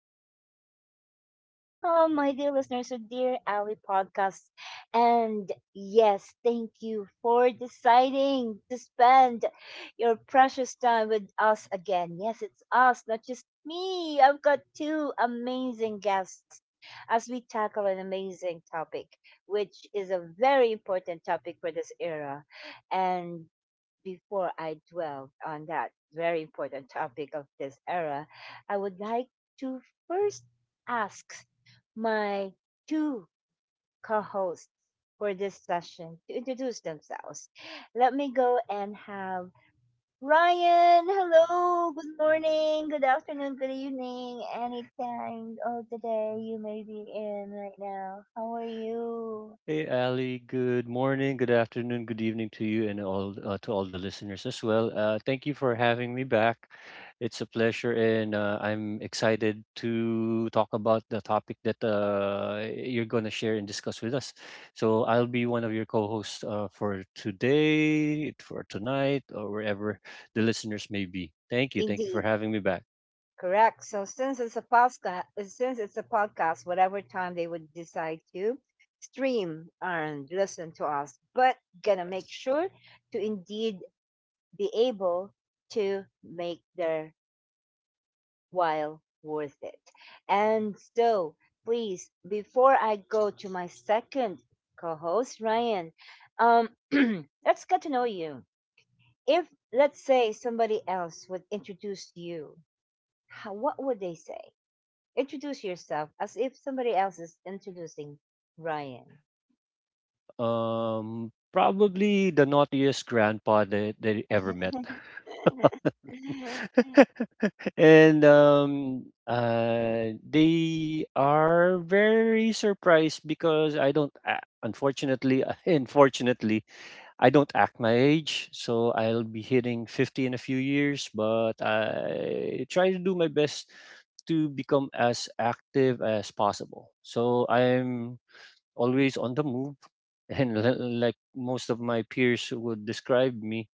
Ali. And welcome, my dear listeners, to Dear Ali podcast. And yes, thank you for deciding to spend your precious time with us again. Yes, it's us, not just me. I've got two amazing guests as we tackle an amazing topic, which is a very important topic for this era. And before I dwell on that very important topic of this era, I would like to first ask my two co hosts for this session to introduce themselves. Let me go and have Ryan. Hello, good morning, good afternoon, good evening, any time of the day you may be in right now. How are you? Hey Ali, good morning, good afternoon, good evening to you and all to all the listeners as well. Thank you for having me back. It's a pleasure, and I'm excited to talk about the topic that you're going to share and discuss with us. So I'll be one of your co-hosts for today, for tonight, or wherever the listeners may be. Thank you for Indeed. having me back. Correct. So since it's a podcast, since it's a podcast, whatever time they would decide to stream and listen to us, but gonna make sure to indeed be able to make their while worth it. And so, please, before I go to my second co-host, Ryan, um, let's get to know you. If let's say somebody else would introduce you, how, what would they say? Introduce yourself as if somebody else is introducing Ryan. Probably the naughtiest grandpa that you ever met. And they are very surprised because I don't a- unfortunately, unfortunately I don't act my age, so I'll be hitting 50 in a few years, but I try to do my best to become as active as possible, so I'm always on the move. And like most of my peers would describe me.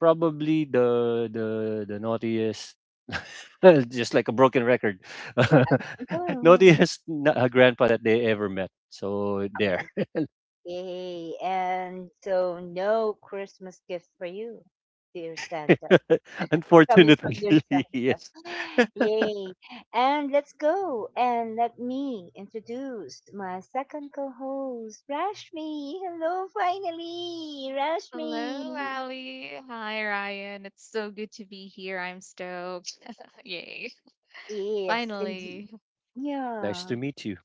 Probably the naughtiest, just like a broken record. Oh, Naughtiest grandpa that they ever met. So there. amazing. Yay. And so, no Christmas gift for you, dear Santa. Coming from Unfortunately, yourself. yes. Yay. And let's go. And let me introduce my second co host, Rashmi. Hello, finally. Hello, Rashmi. Ali. Hi, Ryan. It's so good to be here. I'm stoked. Yay. Yes, indeed. Finally. Nice Yeah. to meet you.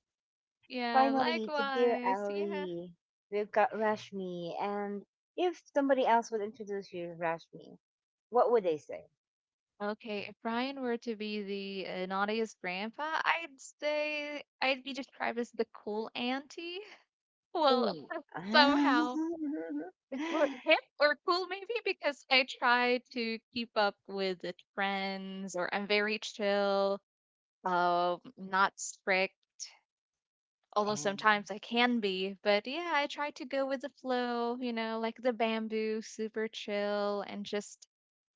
Yeah, Finally, to Dear likewise. Yeah. Ali, we've got Rashmi. And if somebody else would introduce you to Rashmi, what would they say? Okay, if Ryan were to be the naughtiest grandpa, I'd say I'd be described as the cool auntie. Well, Mm. somehow or hip or cool maybe because I try to keep up with the trends or I'm very chill, not strict, although And sometimes I can be, but yeah, I try to go with the flow, you know, like the bamboo, super chill and just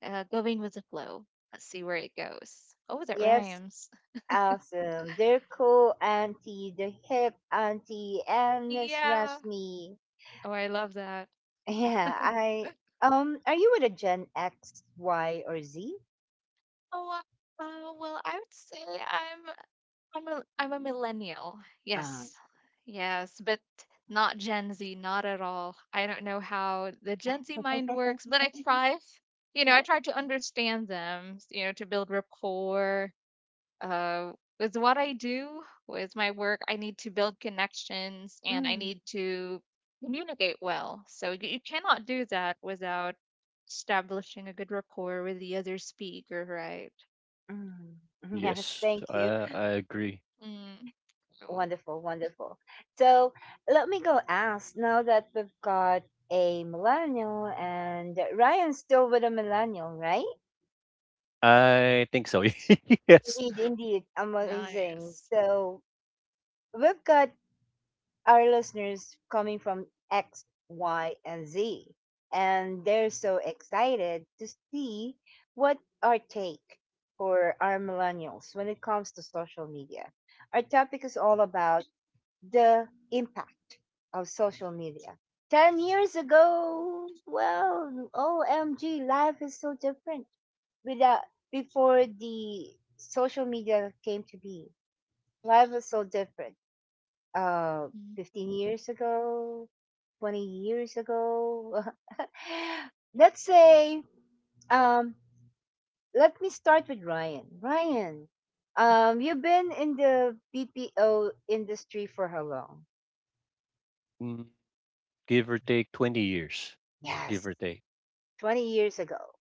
going with the flow. Let's see where it goes. Oh, that yes, rhymes. awesome. They're cool auntie, the hip auntie, and Miss Yeah. Rashmi. Oh, I love that. Yeah, I. Are you with a Gen X, Y, or Z? Oh, well, I would say I'm a millennial. Um, Yes, yes, but not Gen Z, not at all. I don't know how the Gen Z mind works, but I try. You know, I try to understand them. You know, to build rapport, uh, with what I do with my work, I need to build connections and I mm, need to communicate well. So you cannot do that without establishing a good rapport with the other speaker, right? mm. Yes, Yes, thank I, you. I agree. Mm, cool. Wonderful, wonderful. So let me go ask now that we've got a millennial and Ryan's still with a millennial, right? I think so. Yes. Indeed, indeed. Amazing. Nice. So we've got our listeners coming from X, Y, and Z, and they're so excited to see what our take for our millennials when it comes to social media. Our topic is all about the impact of social media. 10 years ago, well, OMG, life is so different without before the social media came to be. Life was so different. Uh, Mm. 15 years ago, 20 years ago. Let's say, um, let me start with Ryan. Ryan, you've been in the BPO industry for how long? Mm, Give or take 20 years. Give Yes, or take. 20 years ago,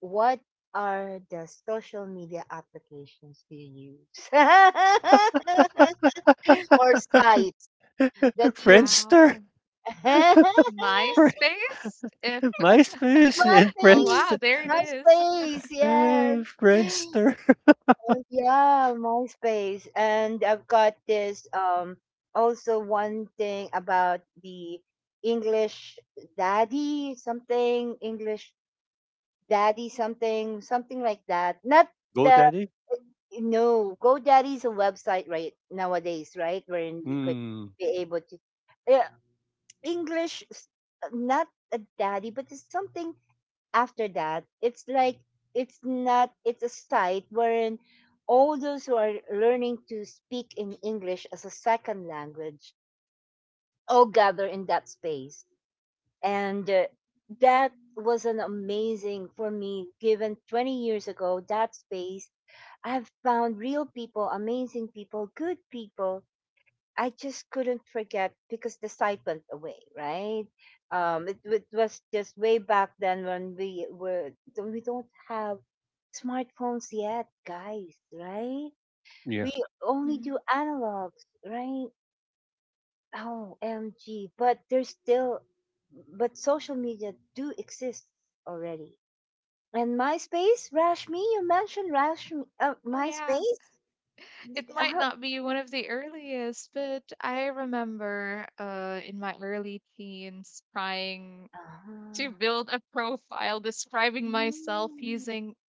what are the social media applications do you use? or sites that you. Wow. Friendster? My Fri- MySpace? If MySpace and oh face! Friendster. wow, there it is. MySpace! Yes! Friendster. Oh, yeah, MySpace. And I've got this also one thing about the English English daddy something, something like that. Not the GoDaddy? No, GoDaddy is a website right nowadays, right? Wherein you could Mm, be able to yeah, English, s- not a daddy, but it's something after that. It's like it's not. It's a site wherein all those who are learning to speak in English as a second language all gather in that space, and that was an amazing for me. Given 20 years ago, that space I have found real people, amazing people, good people. I just couldn't forget because the site went away, right? It was just way back then when we were we don't have smartphones yet, guys, right? yeah. We only Mhm. do analogs, right? Oh, MG! But there's still, but social media do exist already. And MySpace, Rashmi, you mentioned Rashmi, Oh yeah, MySpace. it might not be one of the earliest, but I remember in my early teens trying to Ah. build a profile describing myself Mm, using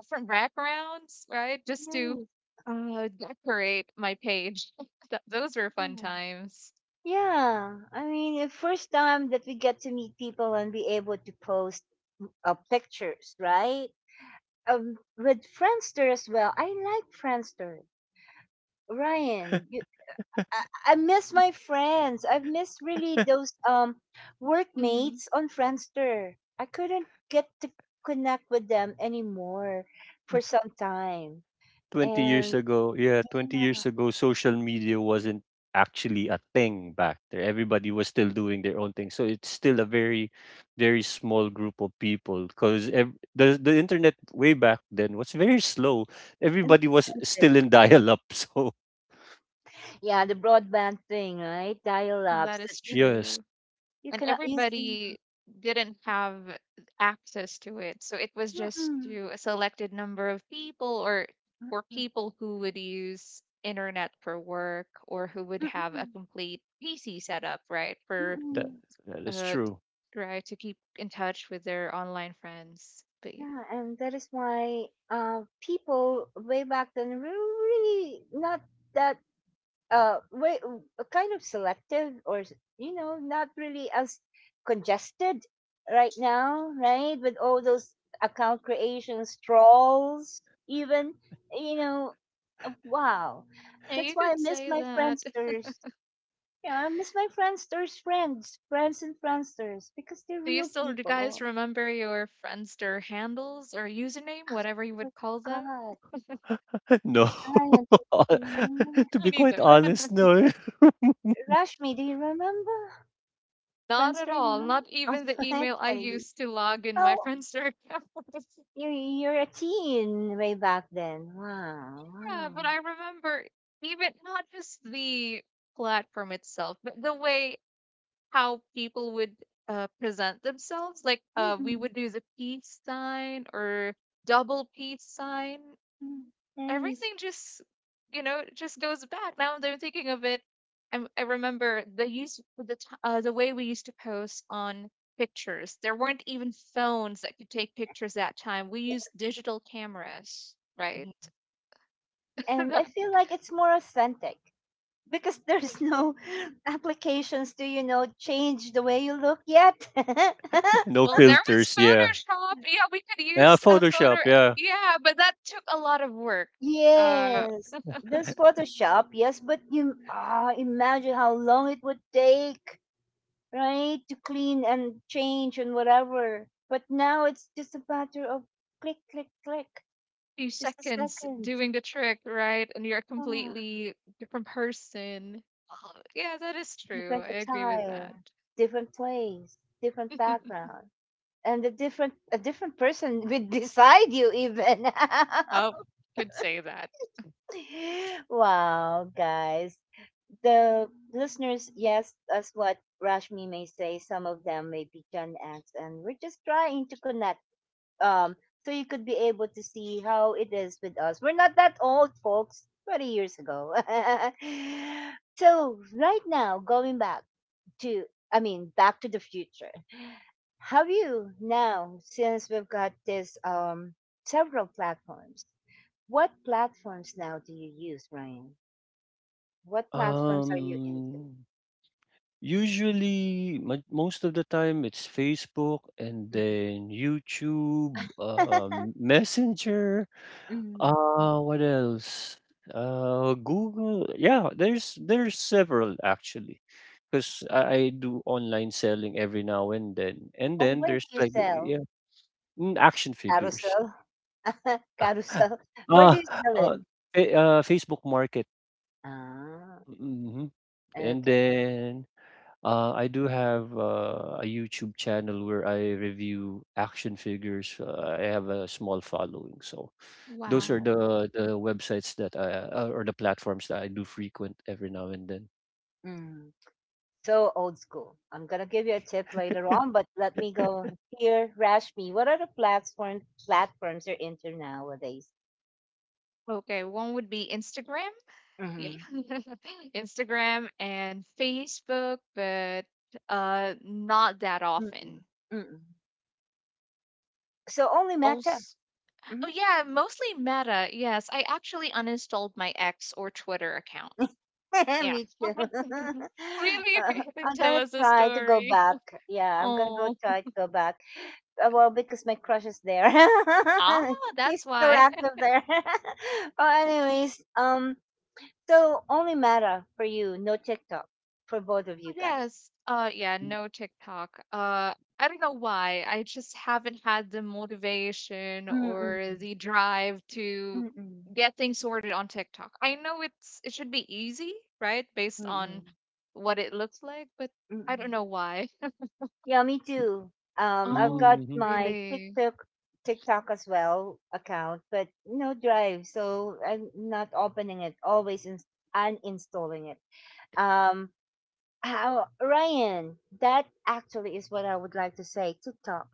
different backgrounds, right? Just to nice, decorate my page. Those were fun wow. times. Yeah, I mean, the first time that we get to meet people and be able to post pictures, right? With Friendster as well. I like Friendster. Ryan, you, I miss my friends. I've missed really those Hmm. workmates on Friendster. I couldn't get to connect with them anymore for some time, 20 years and ago, yeah, 20 yeah. years ago, social media wasn't actually a thing back there. Everybody was still doing their own thing. So it's still a very, very small group of people, because the internet way back then was very slow. And Everybody was still in dial up. So, yeah, the broadband thing, right? Dial-ups That that is yes, true. you And cannot use. In- everybody didn't have access to it. So it was just mm-mm, to a selected number of people, or for mm-mm, people who would use internet for work or who would have mm-mm, a complete PC setup, right? For that, mm-mm. that is uh true. right, to keep in touch with their online friends. But yeah. Yeah, and that is why people way back then were really not that way kind of selective or s- you know not really as congested right now, right? With all those account creations, trolls, even you know, wow. Yeah, you That's could why I say miss my that. friendsters. Yeah, I miss my Friendsters friends, friends and Friendsters, because they're Do you real still do you people. guys Oh remember your Friendster handles or username, whatever you my would call them? God, No. Ryan, do you remember? To Me be quite neither. Ra- honest, no. Rashmi, do you remember Not at Friendster? all. No, Not oh, even the sorry, email I sorry. used to log in my Oh, Friendster account. You're a teen way back then. Wow, Yeah, wow. but I remember, even not just the platform itself, but the way how people would present themselves. Like we Mm-mm. would use a peace sign or double peace sign. Mm, nice. Everything just, you know, just goes back now that I'm thinking of it. I remember the the way we used to post on pictures. There weren't even phones that could take pictures that time. We used digital cameras, right? And I That— feel like it's more authentic because there's no applications to you know change the way you look yet. No well, there was filters, yeah. Photoshop. Yeah, we could Yeah, use a photo, Photoshop, yeah. yeah, but that took a lot of work. uh Yes, there's Photoshop, yes, but you ah imagine how long it would take, right, to clean and change and whatever. But now it's just a matter of click, click, click, Few just a seconds second. doing the trick, right? And you're a Ah, completely different person. Oh, yeah, that is true. different I agree with attire, that. different place, different background, and a different person will decide you even. I could say that. Wow, guys. The listeners, yes, as what Rashmi may say, some of them may be Gen X, and we're just trying to connect. Um, so you could be able to see how it is with us. We're not that old, folks. 30 years ago. So right now, going back to, I mean, Back to the Future. Have you now, since we've got this several platforms, what platforms now do you use, Ryan? What platforms are you into? Um, Usually, mo most of the time, it's Facebook and Mhm. then YouTube, Messenger, Mhm. What else? Google. Yeah, there's several actually, 'cause I do online selling every now and then. And Oh, then where do there's, you like, the sell? yeah, action figures. Carousel? Carousel. Where Ah, do you sell it? uh, fa Facebook Market. Ah, Mm, mhm. And okay. then I do have a YouTube channel where I review action figures. I have a small following, so those are Wow. Mm, the websites that I or the platforms that I do frequent every now and then. mm. So old school. I'm gonna give you a tip later on, but let me go here. Rashmi, what are the platforms you're into nowadays? Okay, one would be Instagram. Yeah. Mm-hmm. Instagram and Facebook, but not that often. Mm-mm. Mm-mm. So only Mecca. Also, oh yeah, mostly Meta. Yes, I actually uninstalled my X or Twitter account. Yeah. Me too. Really, really, I'm tell gonna us a try to go story. back. Yeah, I'm gonna go Oh, try to go back. Well, because my crush is there. ah, He's that's still why. active there. Oh, anyways, so only Meta for you, no TikTok for both of you guys. Yes. Yeah, no TikTok. I don't know why. I just haven't had the motivation or Mm-mm. the drive to Mm-mm. get things sorted on TikTok. I know it's it should be easy, right? Based on Mm-mm. what it looks like, but I don't Mm-mm. know why. Yeah, me too. I've Oh, got Hmm. my really? TikTok as well account, but no drive, so I'm not opening it. Always in- uninstalling it. Um, how Ryan? That actually is what I would like to say. TikTok,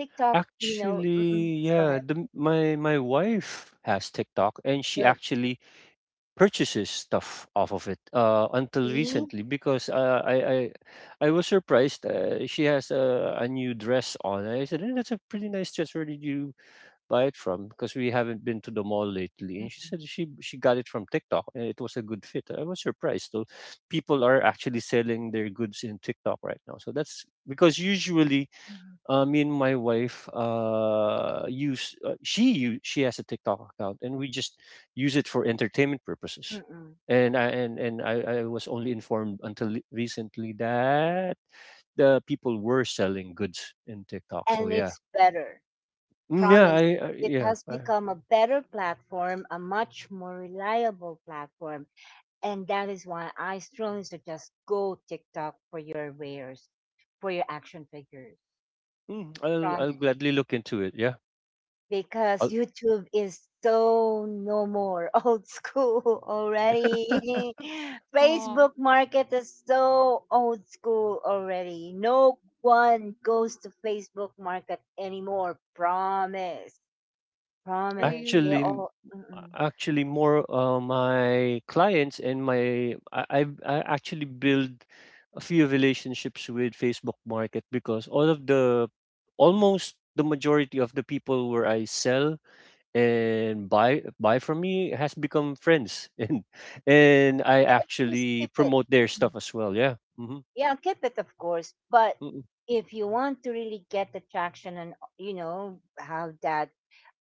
TikTok. You know, mm-mm, Actually, go ahead. yeah, my wife has TikTok, and she Good. actually purchases stuff off of it until See, recently, because I was surprised, she has a new dress on. I said, "That's a pretty nice dress. Where did you buy it from?" Because we haven't been to the mall lately, and she said mm-mm. she got it from TikTok, and it was a good fit. I was surprised. So people are actually selling their goods in TikTok right now. So that's because usually, me and my wife use she use she has a TikTok account, and we just use it for entertainment purposes. Mm-mm. And I was only informed until recently that the people were selling goods in TikTok. So And yeah. it's better. Mm, yeah, Promise. I It yeah, has I, become a better platform, a much more reliable platform. And that is why I strongly suggest go TikTok for your wares, for your action figures. mm, I'll Promise. gladly look into it. Yeah. Because YouTube is so no more old school already. Facebook Oh, market is so old school already. No one goes to Facebook market anymore. Promise. Promise. They Actually, really? m- all, mm-mm, actually more my clients and my I, I've I actually build a few relationships with Facebook Market, because all of the almost the majority of the people where I sell and buy from me has become friends, and I they all actually skip it. promote their stuff as well. Yeah. Hmm. Yeah keep it of course but Mm. if you want to really get the traction and you know have that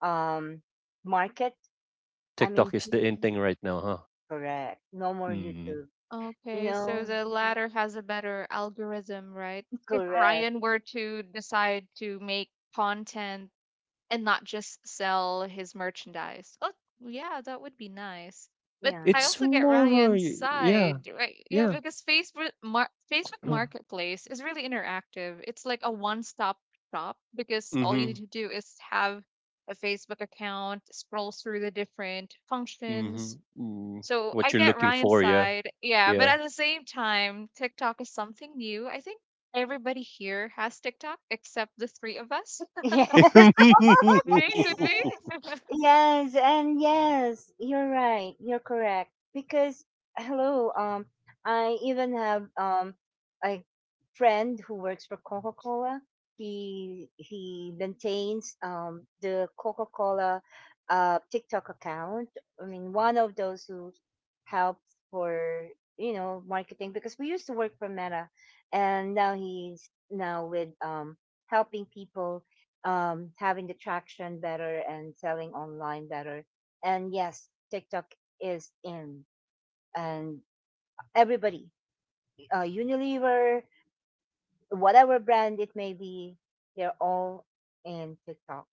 um market I mean TikTok is to- the in thing right now, huh? correct no more Mm. YouTube you Okay, so know. the Yeah, latter has a better algorithm, right? If correct. Ryan were to decide to make content and not just sell his merchandise, oh, yeah, that would be nice. But Yeah. I It's also get more Ryan's Yeah, side, right? Yeah, yeah. because Facebook Marketplace is really interactive. It's like a one-stop shop because all you Mm-hmm. need to do is have a Facebook account, scroll through the different Mhm, functions, mm. so What I you're get looking Ryan's for, yeah. side. Yeah, but Yeah. at the same time, TikTok is something new. I think everybody here has TikTok except the three of us. Yes. Could be, could be. Yes, and yes, you're right. You're correct. Because hello, I even have a friend who works for Coca-Cola. He maintains the Coca-Cola TikTok account. I mean, one of those who helps for, you know, marketing because we used to work for Meta and now he's now with helping people having the traction better and selling online better. And yes, TikTok is in, and everybody, Unilever, whatever brand it may be, they're all in TikTok.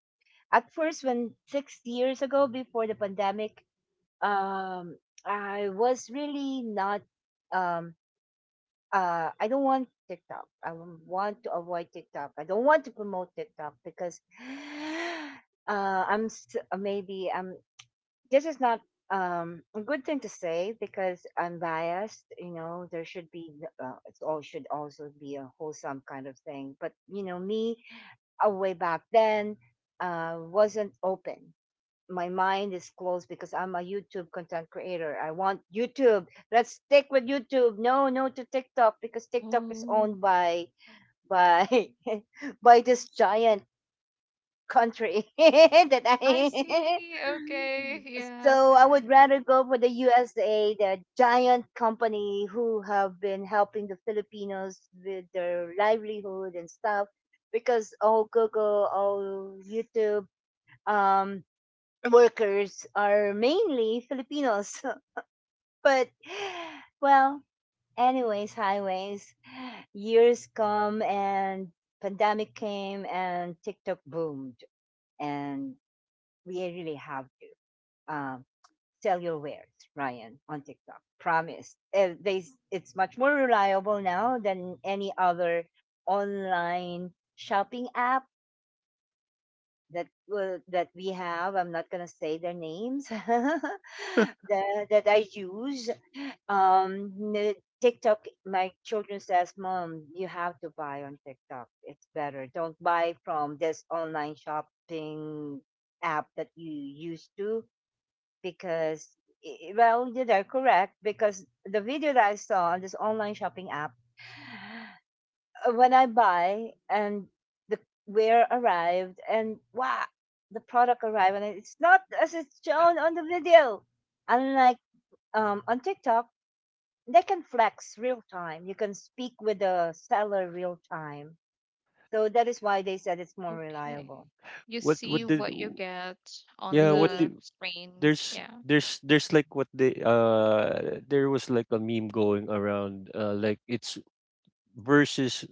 At first, when 6 years ago, before the pandemic, um, I was really not um, I don't want TikTok. I w- want to avoid TikTok. I don't want to promote TikTok because I'm s- maybe this is not a good thing to say because I'm biased. You know, there should be it all should also be a wholesome kind of thing. But you know, me way back then wasn't open my mind is closed because I'm a YouTube content creator. I want YouTube. Let's stick with YouTube. No, no to TikTok because TikTok is Oh, owned by by by this giant country that I I see. Okay, yeah. so I would rather go for the USA, the giant company who have been helping the Filipinos with their livelihood and stuff because all Google, all YouTube, um workers are mainly Filipinos. But, well, anyways, highways, years come and pandemic came and TikTok boomed. And we really have to um, sell your wares, Ryan, on TikTok. Promise. It's much more reliable now than any other online shopping app that will that we have. I'm not going to say their names that, that I use um n- TikTok. My children says mom you have to buy on TikTok, it's better, don't buy from this online shopping app that you used to because I- well they're correct because the video that I saw on this online shopping app when I buy and the wear arrived and wow, the product arrived and it's not as it's shown on the video. Unlike on TikTok, they can flex real time. You can speak with the seller real time. So that is why they said it's more Okay. reliable. You What see what did what you get on yeah, what Yeah. the did screen. there's Yeah. there's there's like what they there was, like, a meme going around, like it's versus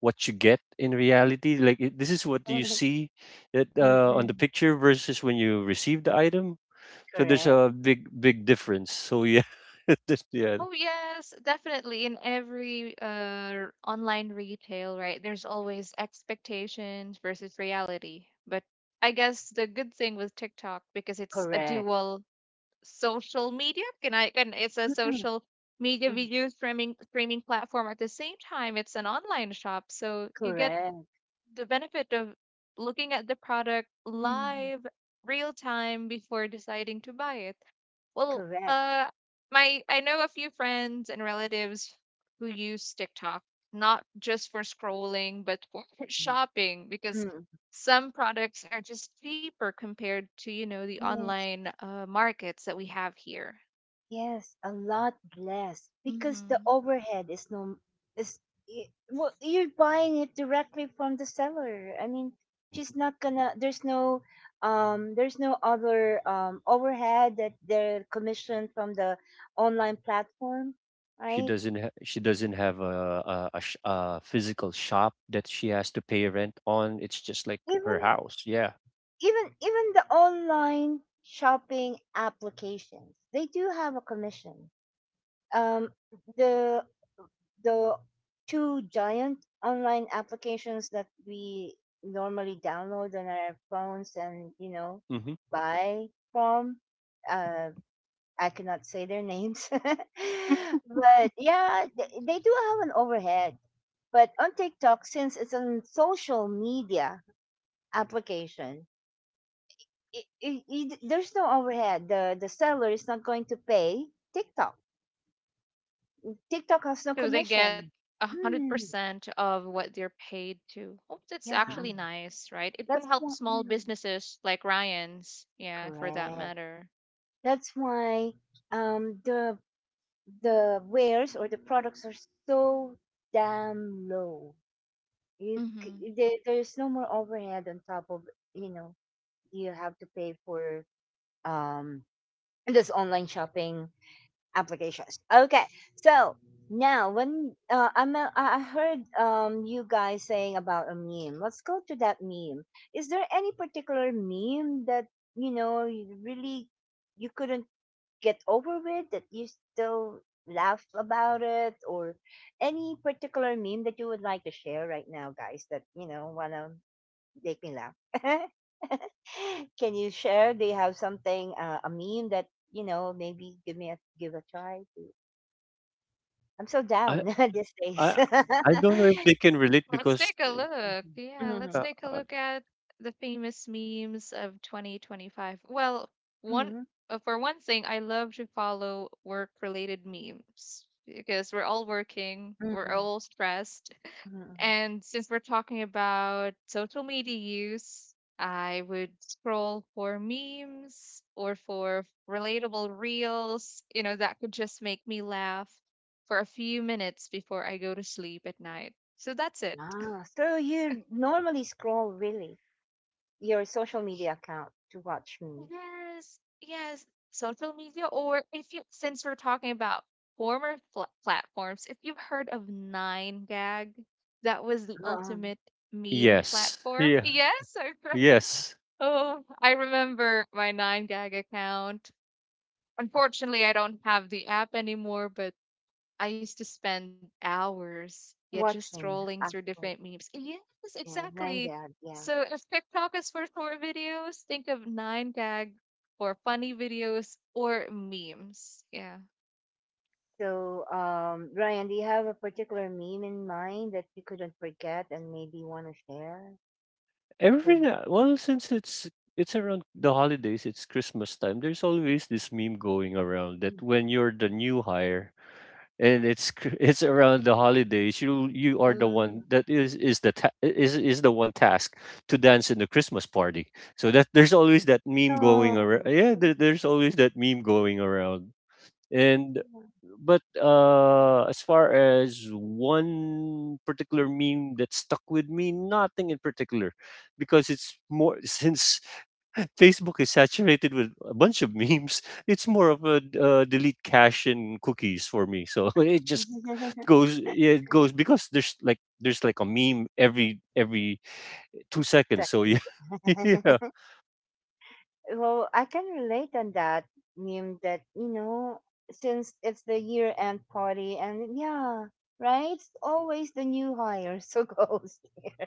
what you get in reality, like this is what you see that on the Mm-mm. picture versus when you receive the item. So there's Correct. a big big difference. So yeah, yeah. Oh yes, definitely. In every online retail, right? There's always expectations versus reality. But I guess the good thing with TikTok, because it's a Correct. dual social media, can it's a Mm-mm. social media Mm. video streaming platform. At the same time it's an online shop. So you get Correct. the benefit of looking at the product Mm. live, real time, before deciding to buy it. Well, Correct. My I know a few friends and relatives who use TikTok not just for scrolling, but for shopping, because Mm. some products are just cheaper compared to, you know, the Mm. online markets that we have here. Yes, a lot less because the Hmm. overhead is no is well, you're buying it directly from the seller. I mean, Hmm. she's not gonna. There's no other overhead that they're commissioned from the online platform, right? She doesn't have a physical shop that she has to pay rent on. It's just like Even her house. Yeah. even the online shopping applications, they do have a commission. Um, the the two giant online applications that we normally download on our phones and, you know, Mhm. buy from uh I cannot say their names, but yeah, they do have an overhead. But on TikTok, since it's a social media application, there's no overhead. The seller is not going to pay TikTok. TikTok has no So they commission. get a hundred Mm, percent of what they're paid to. Oh, that's yeah, actually Mm, nice, right? It can that's help one. Hmm. small businesses like Ryan's, yeah, for that Correct. matter. That's why um the the wares or the products are so damn low. Hmm. There, there's no more overhead on top of, you know, you have to pay for um this online shopping applications. Okay, so now when I'm a, I heard you guys saying about a meme. Let's go to that meme. Is there any particular meme that, you know, you really you couldn't get over with, that you still laugh about it, or any particular meme that you would like to share right now, guys, that, you know, wanna make me laugh? Can you share, do you have something, a meme that, you know, maybe give me a give a try to I'm so I down these days? I I don't know if they can relate, Let's because take a look. Yeah, Hmm, hmm. let's uh, take a uh, look at the famous memes of 2025. Well, one for one thing, I love to follow work-related memes because we're all working, we're Hmm, all stressed. hmm. And since we're talking about social media use, I would scroll for memes or for relatable reels, you know, that could just make me laugh for a few minutes before I go to sleep at night. So that's it. Ah, so you normally scroll really your social media account to watch me. Yes, yes. Social media, or if you, since we're talking about former pl platforms, if you've heard of Nine Gag, that was the ultimate meme yes. platform. Yeah. Yes, I Yes. oh, I remember my Nine Gag account. Unfortunately, I don't have the app anymore, but I used to spend hours, yeah, just Watching, scrolling through different actually. memes. Yes, Yeah, exactly. Rangad, yeah. So if TikTok is for short videos, think of Nine Gag or funny videos or memes. Yeah. So, Ryan, do you have a particular meme in mind that you couldn't forget and maybe want to share? So, Every now Well, since it's around the holidays, it's Christmas time. There's always this meme going around that you- when you're the new hire, it's around the holidays, you are the one um, that is the one task to dance in the Christmas party. So that there's always that meme going around, no. yeah, there's always that meme going around. And but uh as far as one particular meme that stuck with me, nothing in particular, because it's more, since Facebook is saturated with a bunch of memes. It's more of a delete cache and cookies for me. So it just goes, yeah, it goes, because there's like a meme every 2 seconds. So Second. yeah, yeah, Well, I can relate on that meme that, you know, since it's the year end party, and yeah, right? It's always the new hire. So goes here.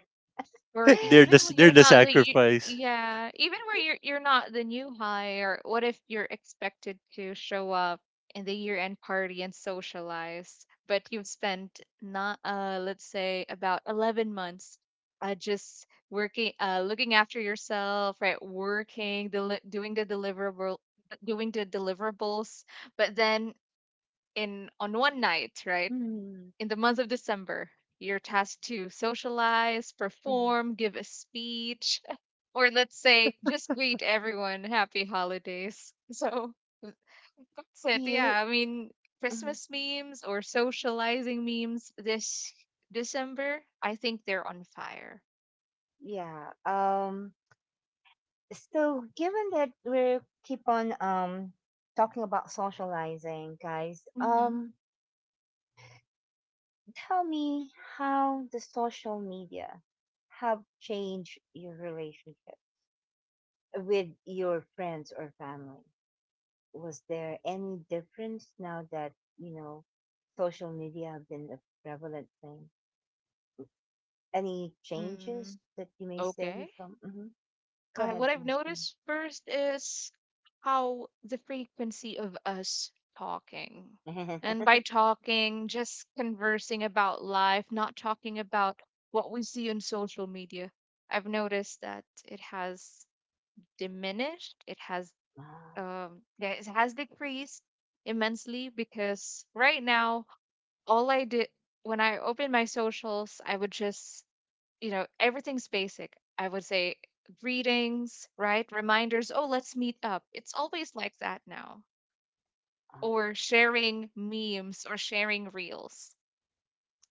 Or even when they're you're the not the you sacrifice. yeah, even where you're not the new hire, what if you're expected to show up in the year-end party and socialize, but you've spent not let's say about 11 months just working, looking after yourself, right? Working, deli doing the deliverable doing the deliverables, but then in on one night, right? Mhm, In the month of December, you're tasked to socialize, mhm. perform, give a speech, or let's say just greet everyone happy holidays. So that's it. You. Yeah, I mean, Mhm. Christmas memes or socializing memes this December, I think they're on fire. Yeah. So given that we keep on talking about socializing, guys, Mm-hmm. Tell me how the social media have changed your relationship with your friends or family. Was there any difference now that, you know, social media have been a prevalent thing? Any changes Hmm. that you may Okay. say from? Mhm. Go ahead, What I've Ashley. noticed first is how the frequency of us talking. And by talking, just conversing about life, not talking about what we see on social media. I've noticed that it has diminished, it has Ah, yeah, it has decreased immensely, because right now all I did when I open my socials, I would just, you know, everything's basic. I would say greetings, right? Reminders, oh, let's meet up. It's always like that now, or sharing memes or sharing reels.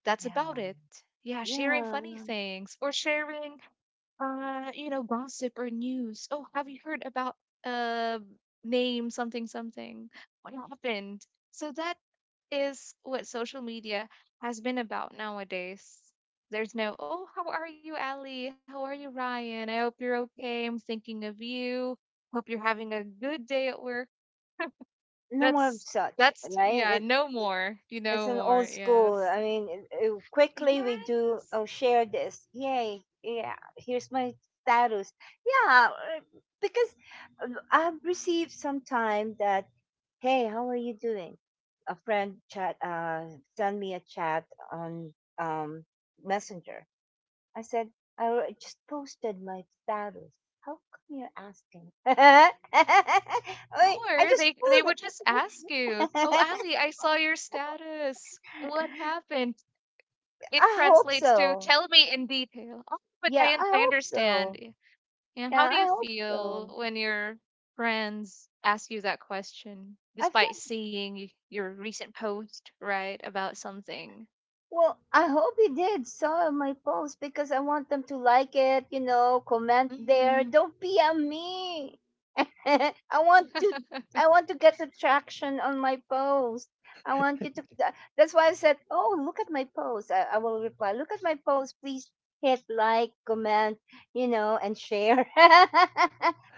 That's about ah. it. Yeah, sharing Yeah, funny things or sharing, you know, gossip or news. Oh, have you heard about uh name something something? What happened? So that is what social media has been about nowadays. There's no, oh, how are you, Ali? How are you, Ryan? I hope you're okay. I'm thinking of you. Hope you're having a good day at work. no more of that's such, that's right? yeah, no it- more. You it's know an more, old school. yes. I mean, Yes. quickly we do, oh, share this. Yay. Yeah, here's my status. Yeah, because I've received sometime that, hey, how are you doing? A friend chat, send me a chat on um, Messenger. I said, I al- just posted my status. How come you're asking? Wait, I More. just They would just ask you, oh, posted. Ali, I saw your status. What happened? It I hope translates to so. tell me in detail. Oh, but Yeah, I I hope understand. so. And how Yeah, do I you hope feel so. when your friends ask you that question, I feel despite seeing your recent post, right, about something? well, I hope you did saw my post because I want them to like it, you know, comment Hmm. there. Don't be a me. I want to I want to get the traction on my post. I want you to tha- that's why I said, oh, look at my post. I will reply, look at my post, please hit like, comment, you know, and share.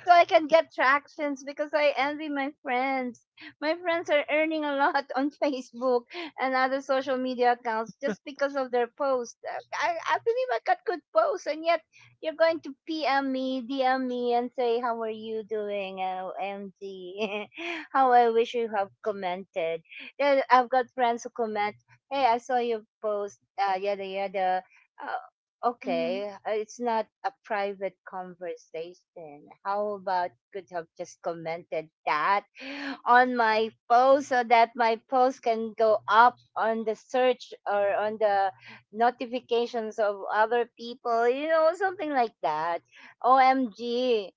So I can get tractions because I envy my friends. My friends are earning a lot on Facebook and other social media accounts just Oh, I because of their see. post. I believe I got good posts, and yet you're going to PM me, DM me, and say, how are you doing? OMG. How I wish you have commented. Then I've got friends who comment, hey, I saw your post, yada yada. Uh, Okay, it's not a private conversation. How about could have just commented that on my post, so that my post can go up on the search or on the notifications of other people, you know, something like that. OMG.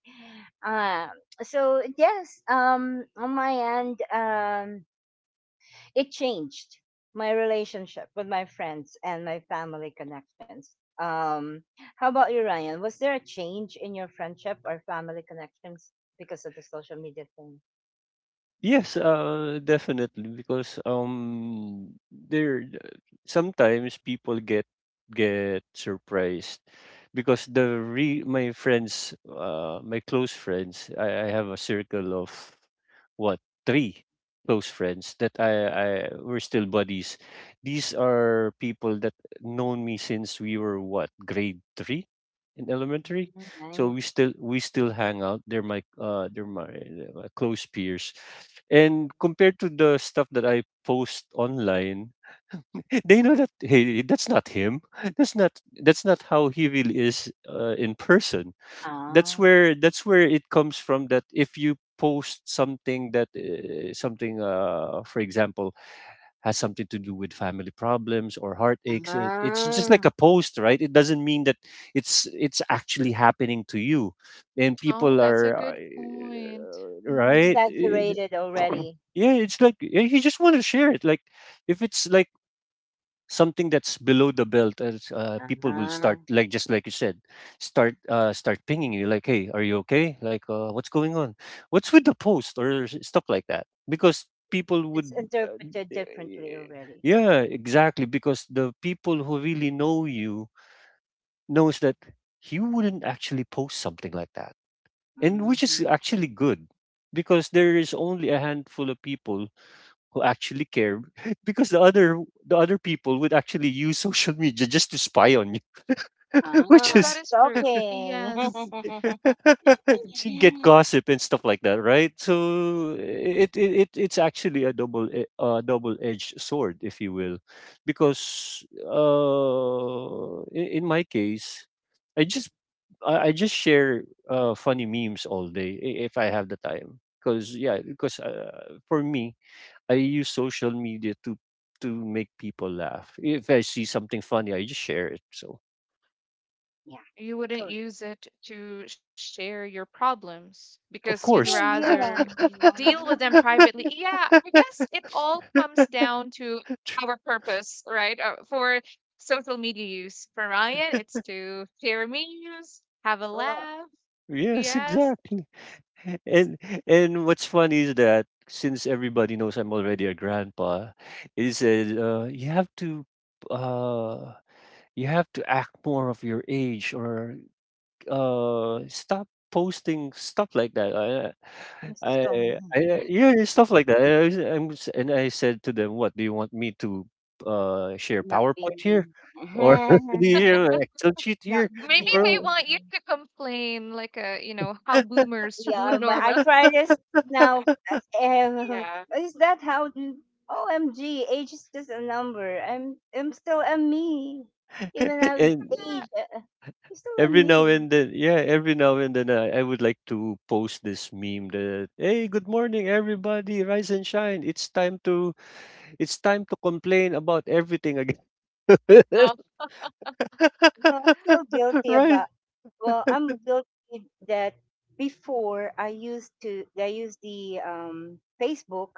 Uh, so yes, on my end, it changed my relationship with my friends and my family connections. Um, how about you, Ryan? Was there a change in your friendship or family connections because of the social media thing? Yes, definitely, because there sometimes people get surprised, because the re my friends my close friends, I have a circle of, what, three close friends that I we're still buddies. These are people that known me since we were, what, grade three in elementary, Mm, so we nice. still we still hang out. They're my close peers, and compared to the stuff that I post online, they know that, hey, that's not him. That's not how he really is, in person. that's Ah, where that's where it comes from, that if you post something that something for example has something to do with family problems or heartaches, it's just like ah, a post, right? It doesn't mean that it's actually happening to you. And Oh, people that's a are good point. right. Hmm. Exaggerated already. Yeah, it's like, you just want to share it, like, if it's like something that's below the belt. As people will Ah, start, like, just like you said, start pinging you, like, hey, are you okay? Like, what's going on? What's with the post, or stuff like that, because people it's would, interpreted uh, differently eh, already. yeah, exactly, because the people who really know you knows that you wouldn't actually post something like that, and which is actually good because there is only a handful of people who actually care. Because the other people would actually use social media just to spy on you, Ah, Oh, which ah, that is is true. stalking. Yes. you get Yeah, gossip and stuff like that, right? So it's actually a double edged sword, if you will, because in my case, i just I just share funny memes all day, if I have the time, because for me, I use social media to make people laugh. If I see something funny, I just share it. So You wouldn't correct. use it to share your problems of because you'd course. Oh, yeah. rather deal with them privately. Yeah, I guess it all comes down to Tr- our purpose, right? For social media use. For Ryan, it's to share memes, have a laugh. yes, Yes. exactly. And and what's funny is that since everybody knows I'm already a grandpa, it said, uh, you have to act more of your age, or stop posting stuff like that. I'm Magustuhan. I, I, yeah, yeah, stuff like that. And I, was- I'm s- and I said to them, "What do you want me to, share Not be PowerPoint here, me. or do you share an Excel sheet here, Not be me Maybe or" they want anymore. you to complain like a, you know, how boomers Yeah, would my normally. arthritis now. Uh, Yeah. is that how? OMG, age is just a number. I'm still a me. Even I'm and age, I'm still a every now me. and then, yeah, every now and then, I would like to post this meme that, hey, good morning, everybody, rise and shine. It's time to complain about everything again, Uh, Well, I feel guilty right? about. Well, I'm guilty that before I used to I used the Facebook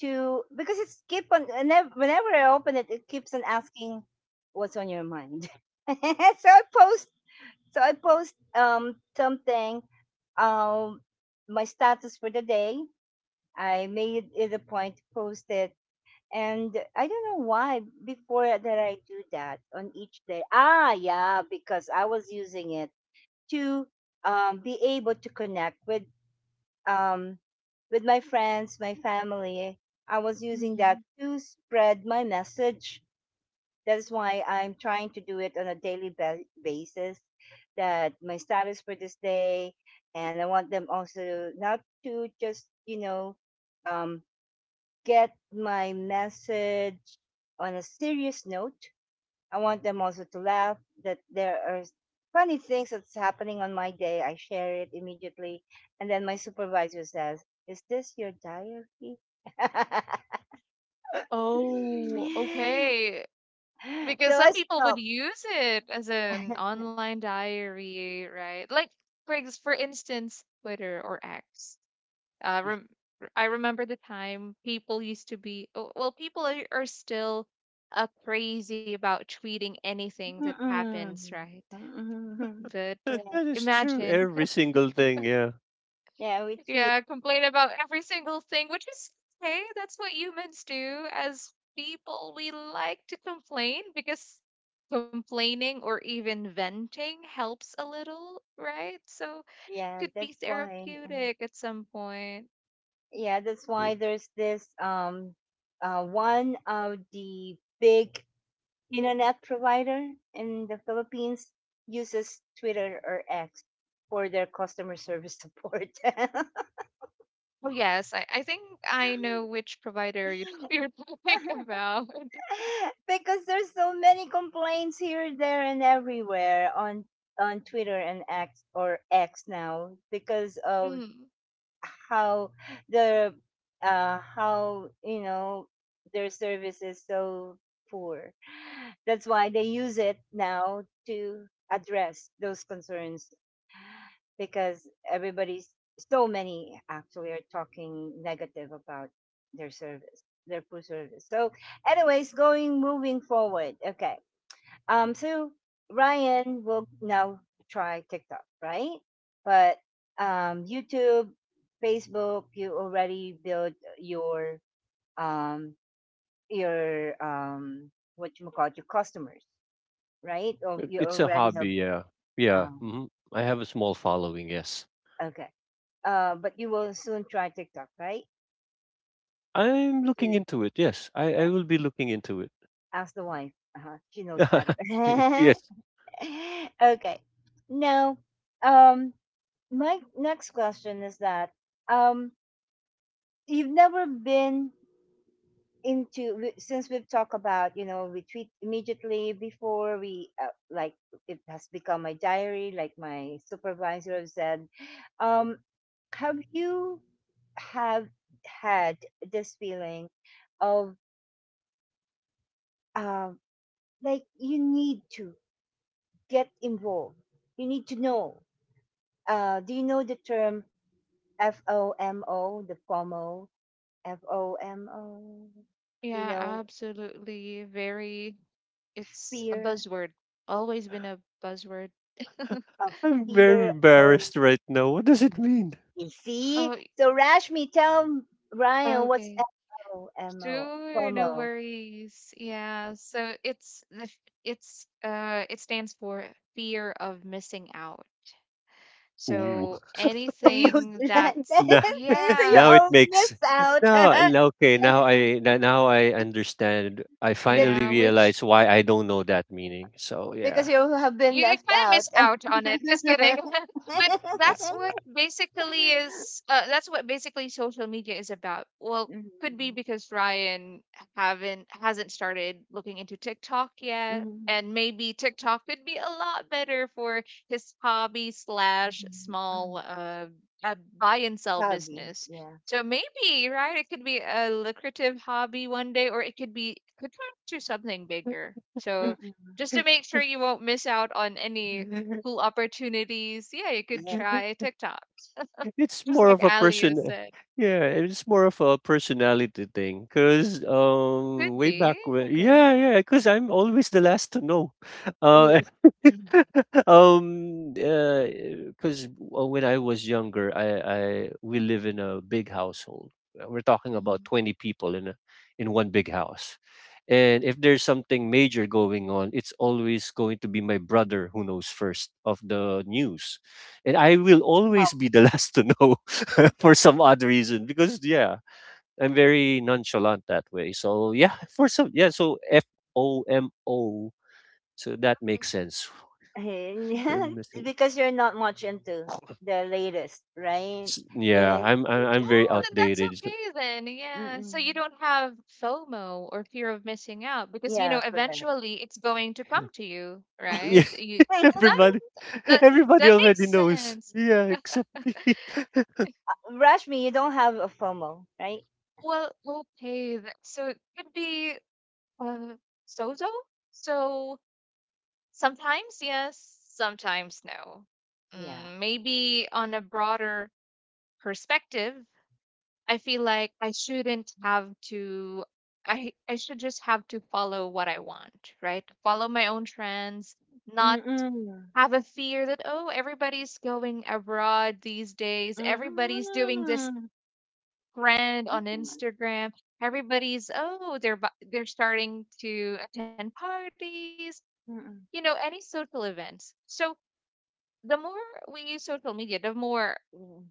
to, because it's keep on whenever I open it, it keeps on asking what's on your mind. So I post something um my status for the day. I made it a point to post it, and I don't know why before that I do that on each day. Ah, yeah, because I was using it to be able to connect um, with my friends, my family. I was using that mhm. to spread my message. That is why I'm trying to do it on a daily ba- basis. That my status for this day, and I want them also not to just, you know, um, get my message on a serious note, I want them also to laugh that there are funny things that's happening on my day. I share it immediately. And then my supervisor says, is this your diary? Oh, okay. So Because I some people stop. would use it as an online diary, right? Like, for instance, Twitter or X. Uh, rem- I remember the time people used to be, oh, well, people are still crazy about tweeting anything that happens, Mm-mm. right? Mm-mm. But Yes. That is true. imagine Every single thing, yeah. Yeah, we tweet. yeah, complain about every single thing, which is okay. That's what humans do. As people, we like to complain because complaining or even venting helps a little, right? So Yeah, could be that's why. Therapeutic at some point. Yeah, that's W- why there's this one of the big internet provider in the Philippines uses Twitter or X for their customer service support. Oh yes, I think I know which provider you you're talking about. Because there's so many complaints here, there, and everywhere on Twitter and X, or X now, because of Mm, how the how, you know, their service is so poor. That's why they use it now to address those concerns because everybody's so many actually are talking negative about their service, their food service. So, anyways, going moving forward. Okay. So Ryan will now try TikTok, right? But YouTube, Facebook, you already build um your what you call your customers, right? Or you It's a already have hobby, yeah. Yeah. um Hmm. I have a small following, yes. okay. But you will soon try TikTok, right? I'm To looking into it, yes. I, yeah, I will be looking into it. ask the wife. Uh-huh. She knows better. Yes. Okay. Now, um, my next question is that, um, you've never been into we- since we've talked about, you know, we tweet immediately before we, like, it has become my diary, like my supervisor has said. um have you have had this feeling of um like you need to get involved. You need to know. Do you know the term FOMO, the FOMO, FOMO, you yeah, know, absolutely. Very, it's a fear buzzword. Always been a buzzword. of I'm very fear of. embarrassed right now. What does it mean? You see? Oh, So Rashmi, tell Ryan what's okay. FOMO, Sure, no FOMO. worries. Yeah, so it's it's it stands for fear of missing out. Ooh. So So you, anything like that. that's Now, So you now yeah, it all miss makes out now that now- Okay, now yeah, I now now I understand. I finally yeah, which realize why I don't know that meaning. So because yeah. you you have kind been left of miss out. out on it. Just kidding. But that's what basically is. That's what basically social media is about. Well, could be Mhm. because Ryan haven't hasn't started looking into TikTok yet, Mhm. and maybe TikTok could be a lot better for his hobby slash Mhm, mhm. small uh buy and sell Hobby, business. yeah. So maybe, right, it could be a lucrative hobby one day, or it could turn into something bigger. So Mm. just to make sure you won't miss out on any I- cool opportunities. Yeah, you could Yeah. try TikTok, It's just more like of a Alia said. Personality thing. Cause, Could way be back when, okay. yeah, yeah, cause I'm always the last to know. Uh, Yes. um, uh, cause when I was younger, I we live in a big household. We're talking about Hmm. 20 people in one big house, and if there's something major going on, it's always going to be my brother who knows first of the news, and I will Wow. always be the last to know for some odd reason, because yeah, I'm very nonchalant that way. So yeah, so FOMO. So that makes sense. I'm missing- Because you're not much into the latest, right? Yeah, Yeah, I'm I'm, which I'm is very Oh, now then the that's outdated. Okay then. Yeah. So you mm-mm. don't have FOMO, or fear of missing out, because you Yeah, know correct. eventually it's going to come to you, right? Yeah, You that everybody, that everybody that makes already knows. sense. Yeah, except me. Rashmi, you don't have a FOMO, right? Well, okay. So it could be uh, so-so. So sometimes yes, sometimes no. Yeah. Mm, maybe on a broader perspective, I feel like I shouldn't have to I should just have to follow what I want, right? Follow my own trends, not Mm-mm. have a fear that, oh, everybody's going abroad these days, everybody's doing this Mm-mm. trend Yeah. on Instagram, everybody's, oh, they're they're starting to attend parties, Mm-mm. you know, any social events. So the more we use social media, the more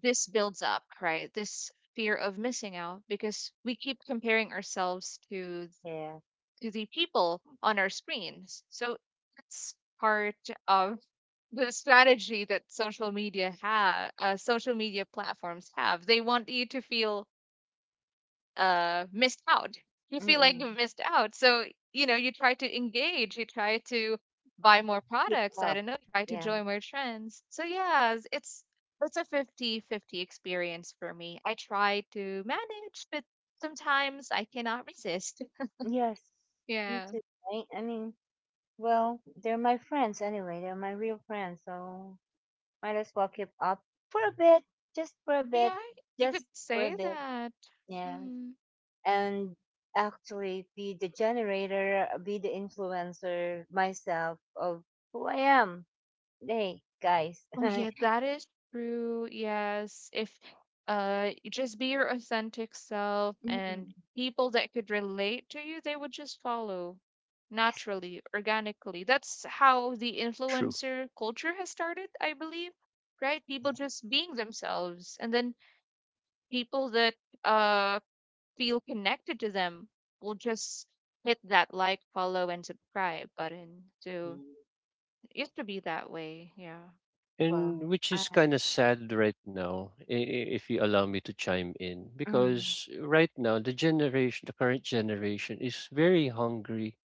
this builds up, right? This fear of missing out because we keep comparing ourselves to Yeah. The people on our screens. So it's part of the strategy that social media platforms have. They want you to feel missed out you feel like Mm-mm. you missed out, so, you know, you try to engage, you try to buy more Hip products, I hop. don't know, try to Yeah. join more trends. So yeah, it's a 50-50 experience for me. I try to manage, but sometimes I cannot resist. Yes. Me Yeah. too. Right? I mean, well, they're my friends anyway. They're my real friends, so might as well keep up for a bit, just for a bit, Yeah, you just could for say a bit. that. Yes, Mm-hmm. and actually be the generator, be the influencer myself of who I am. Hey, guys. Oh yeah, that is true. Yes, if you just be your authentic self, and Mm-mm. people that could relate to you, they would just follow Yes. naturally, organically. That's how the True. influencer culture has started, I believe, right? People just being themselves, and then people that uh feel connected to them will just hit that like, follow, and subscribe button. So Mm, it used to be that way. Yeah. well, And which I. is kind of sad right now, if you allow me to chime in, Mm, because right now the current generation is very hungry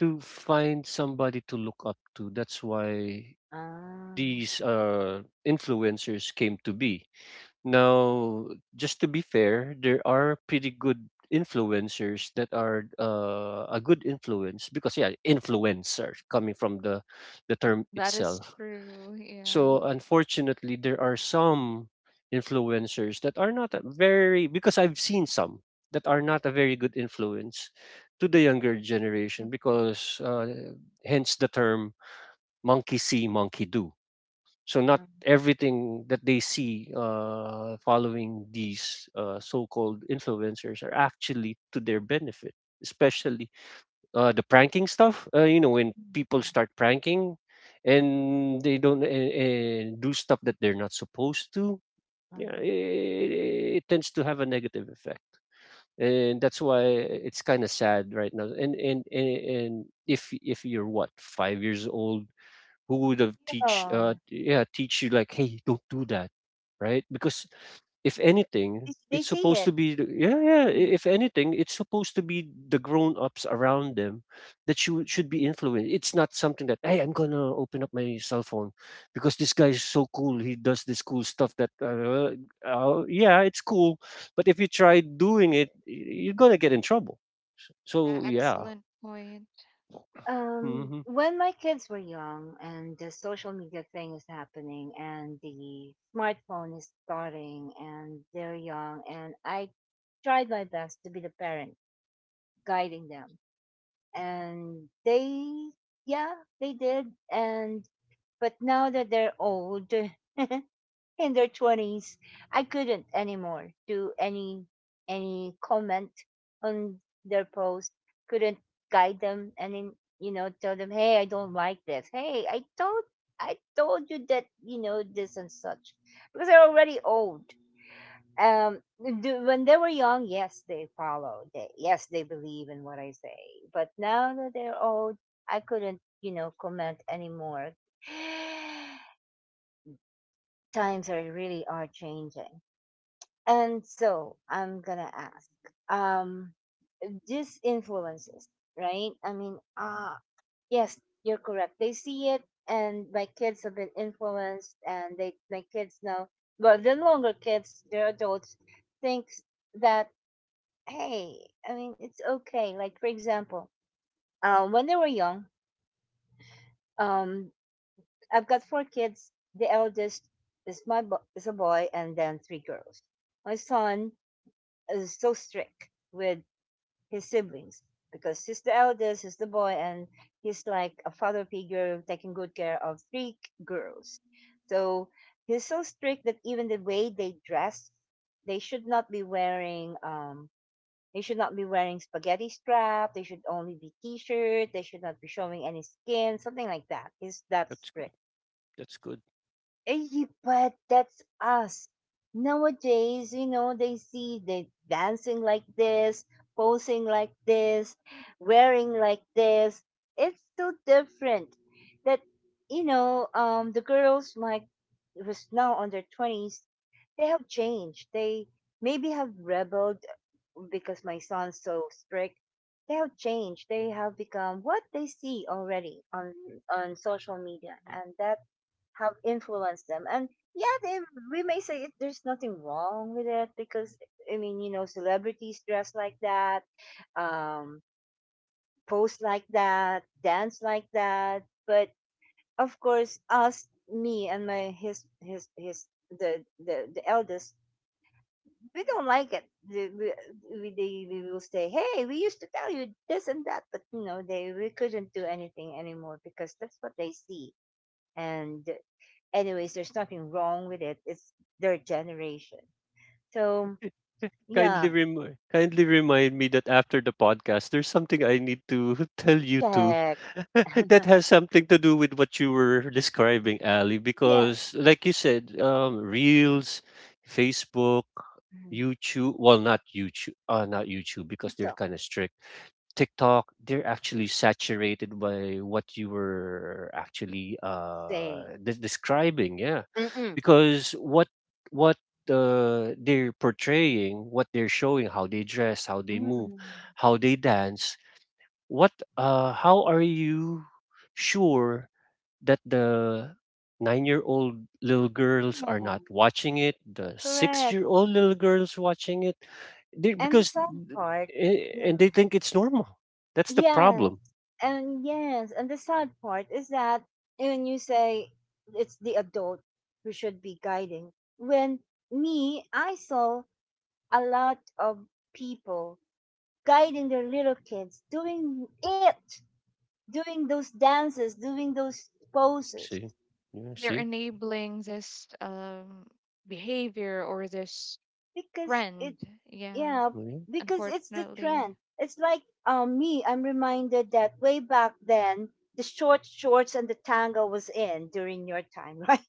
to find somebody to look up to. That's why ah, these influencers came to be. Now, just to be fair, there are pretty good influencers that are a good influence because yeah, influencer coming from the term That is itself. true. Yeah. So unfortunately, there are some influencers that are not a very, because I've seen some that are not a very good influence to the younger mm, generation, because hence the term monkey see monkey do. So not mm, everything that they see following these so-called influencers are actually to their benefit, especially the pranking stuff. You know, when mm, people mm. start pranking and they don't do stuff that they're not supposed to, yeah, Mm. it tends to have a negative effect. And that's why it's kind of sad right now. And if you're what, 5 years old, who would have teach, Yeah, teach you like, hey, don't do that, right? Because if anything, they it's supposed see to be it. If anything, it's supposed to be the grown-ups around them that you should be influenced. It's not something that, hey, I'm gonna open up my cell phone because this guy is so cool, he does this cool stuff that yeah, it's cool, but if you try doing it, you're gonna get in trouble. Yeah, So yeah. excellent point. Hmm. When my kids were young and the social media thing is happening and the smartphone is starting and they're young, and I tried my best to be the parent guiding them, and they yeah, they did. And but now that they're old in their 20s I couldn't anymore do any comment on their post, couldn't guide them, and then, you know, tell them hey I don't like this, hey I told you that, you know, this and such, because they're already old. um do, when they were young yes they follow, they yes they believe in what I say, but now that they're old I couldn't, you know, comment anymore. Times are really are changing. And so I'm gonna ask, um, these influences, right? I mean, ah, yes, you're correct. They see it, and my kids have been influenced, and they, my kids now, well, the longer kids, they're adults, thinks that, hey, I mean, it's okay. Like for example, when they were young, um, I've got four kids. The eldest is my is a boy, and then three girls. My son is so strict with his siblings because he's the eldest, he's the boy, and he's like a father figure taking good care of three girls. So he's so strict that even the way they dress, they should not be wearing spaghetti strap. They should only be t-shirt. They should not be showing any skin, something like that. He's that That's good. strict. That's good. Eh, but that's us. Nowadays, you know, they see they dancing like this, posing like this, wearing like this. It's so different that the girls like who's now on their twenties, they have changed. They maybe have rebelled because my son's so strict. They have changed. They have become what they see already on social media, and that have influenced them. And yeah, they, we may say it, there's nothing wrong with it because celebrities dress like that, um, pose like that, dance like that. But of course, us, me, and my his the eldest, we don't like it. We, we will say, hey, we used to tell you this and that, but you know, they we couldn't do anything anymore because that's what they see. And anyways, there's nothing wrong with it. It's their generation. So yeah, Kindly kindly remind me that after the podcast, there's something I need to tell you too. check. That has something to do with what you were describing, Ali. Yeah, Because like you said, reels, Facebook, mhm, YouTube. Well, not YouTube. Not YouTube because they're TikTok kind of strict. TikTok, they're actually saturated by what you were actually saying, describing, yeah. mm-mm, Because what the they're portraying, what they're showing, how they dress, how they move, mm-mm, how they dance, what, how are you sure that the 9-year-old little girls are yeah, not watching it, the correct. 6-year-old little girls watching it? They, And the because sad part, and they yeah, think it's normal. That's the yes, problem. And the sad part is that when you say it's the adult who should be guiding, when me, I saw a lot of people guiding their little kids doing it, doing those dances, doing those poses, See? Yeah, They're see? enabling this behavior or this because it trend. Yeah, yeah, Yeah. because it's the unfortunately. trend. It's like me, I'm reminded that way back then the short shorts and the tango was in during your time, right?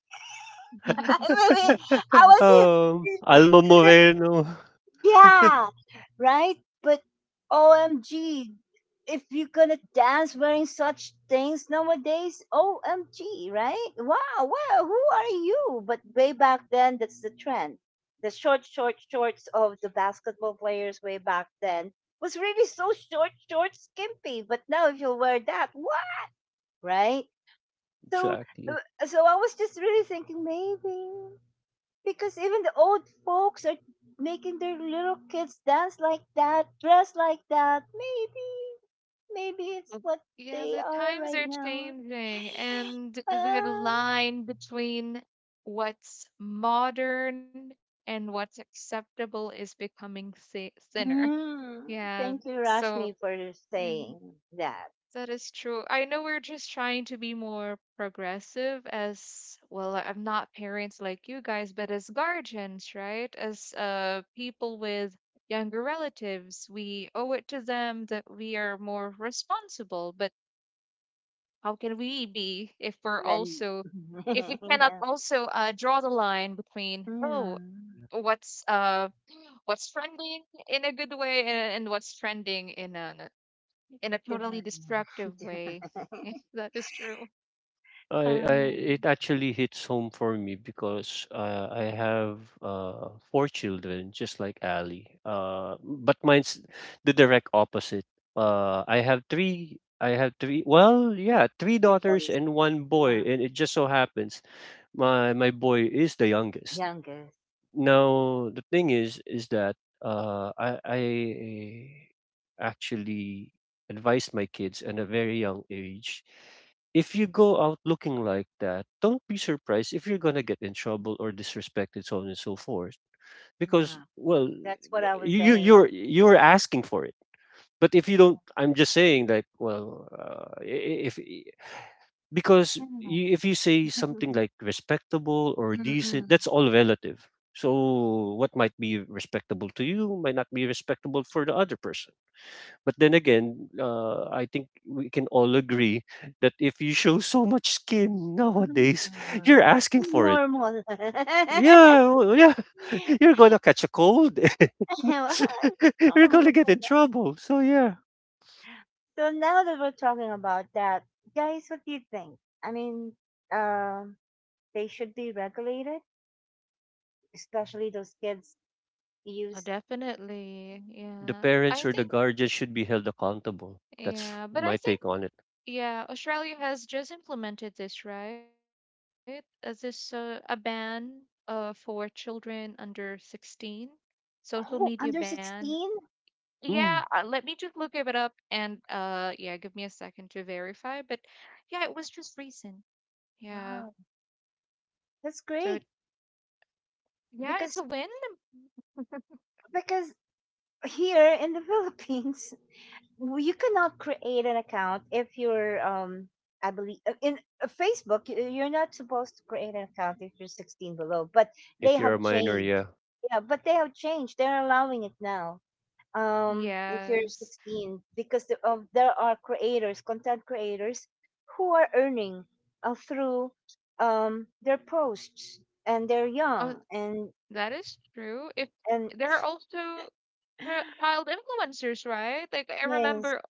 I mean, I was in, Alma couldn't, Moreno. yeah, right? But OMG, if you're gonna dance wearing such things nowadays, OMG, right? Wow, wow, who are you? But way back then, that's the trend. The short, short shorts of the basketball players way back then was really so short, short, skimpy. But now, if you wear that, wow, right? So, Exactly. so I was just really thinking maybe. Because even the old folks are making their little kids dance like that, dress like that. Maybe, maybe it's what Yeah, they the are times right are now. changing, and the Ah, line between what's modern and what's acceptable is becoming thinner. mm, Yeah, thank you, so Rashmi, for yeah. saying that. That is true. I know we're just trying to be more progressive as well. I'm not parents like you guys, but as guardians, right? As people with younger relatives, we owe it to them that we are more responsible. But how can we be if we're When also, if we cannot yeah, also draw the line between, oh, yeah. what's uh, what's trending in a good way, and, what's trending in a totally destructive way? That is true. I it um, actually hits home for me because I have 4 children, just like Ali. But mine's the direct opposite. I have three. I have three. Well, yeah, three you daughters boys, and one boy, yeah, and it just so happens my boy is the youngest. youngest, Now the thing is that I actually advised my kids at a very young age. If you go out looking like that, don't be surprised if you're gonna get in trouble or disrespected, so on and so forth. Because yeah. well, That's what I was saying. You're asking for it. But if you was- don't, I'm just saying like, well, if because you, if you say something like respectable or decent, Mm-mm. that's all relative. So what might be respectable to you might not be respectable for the other person. But then again, I think we can all agree that if you show so much skin nowadays, Hmm, you're asking for it. normal. Yeah, you're gonna catch a cold. Well, it's You're normal. gonna get in trouble. So yeah, So now that we're talking about that, guys, what do you think? I mean, um, they should be regulated, especially those kids Oh, use. definitely. the Yeah. parents I or the think, guardians should be held accountable. That's yeah. But I my think, take on it. yeah, Australia has just implemented this, right? This a ban for children under 16, social Oh, media under ban. 16? Yeah, Mm. Let me just look it up, and yeah, give me a second to verify. But yeah, it was just recent. Yeah. Wow, that's So great. it, yeah, Because it's a win. because here in the Philippines, well, you cannot create an account if you're I believe in Facebook you're not supposed to create an account if you're 16 below, but they If you're have a minor, changed. yeah. Yeah, but they have changed. They're allowing it now. Um, if you're Yes. 16 because there are creators, content creators who are earning through their posts and they're young, Oh, and that is true. If and there are also child influencers, right? Like I yes. remember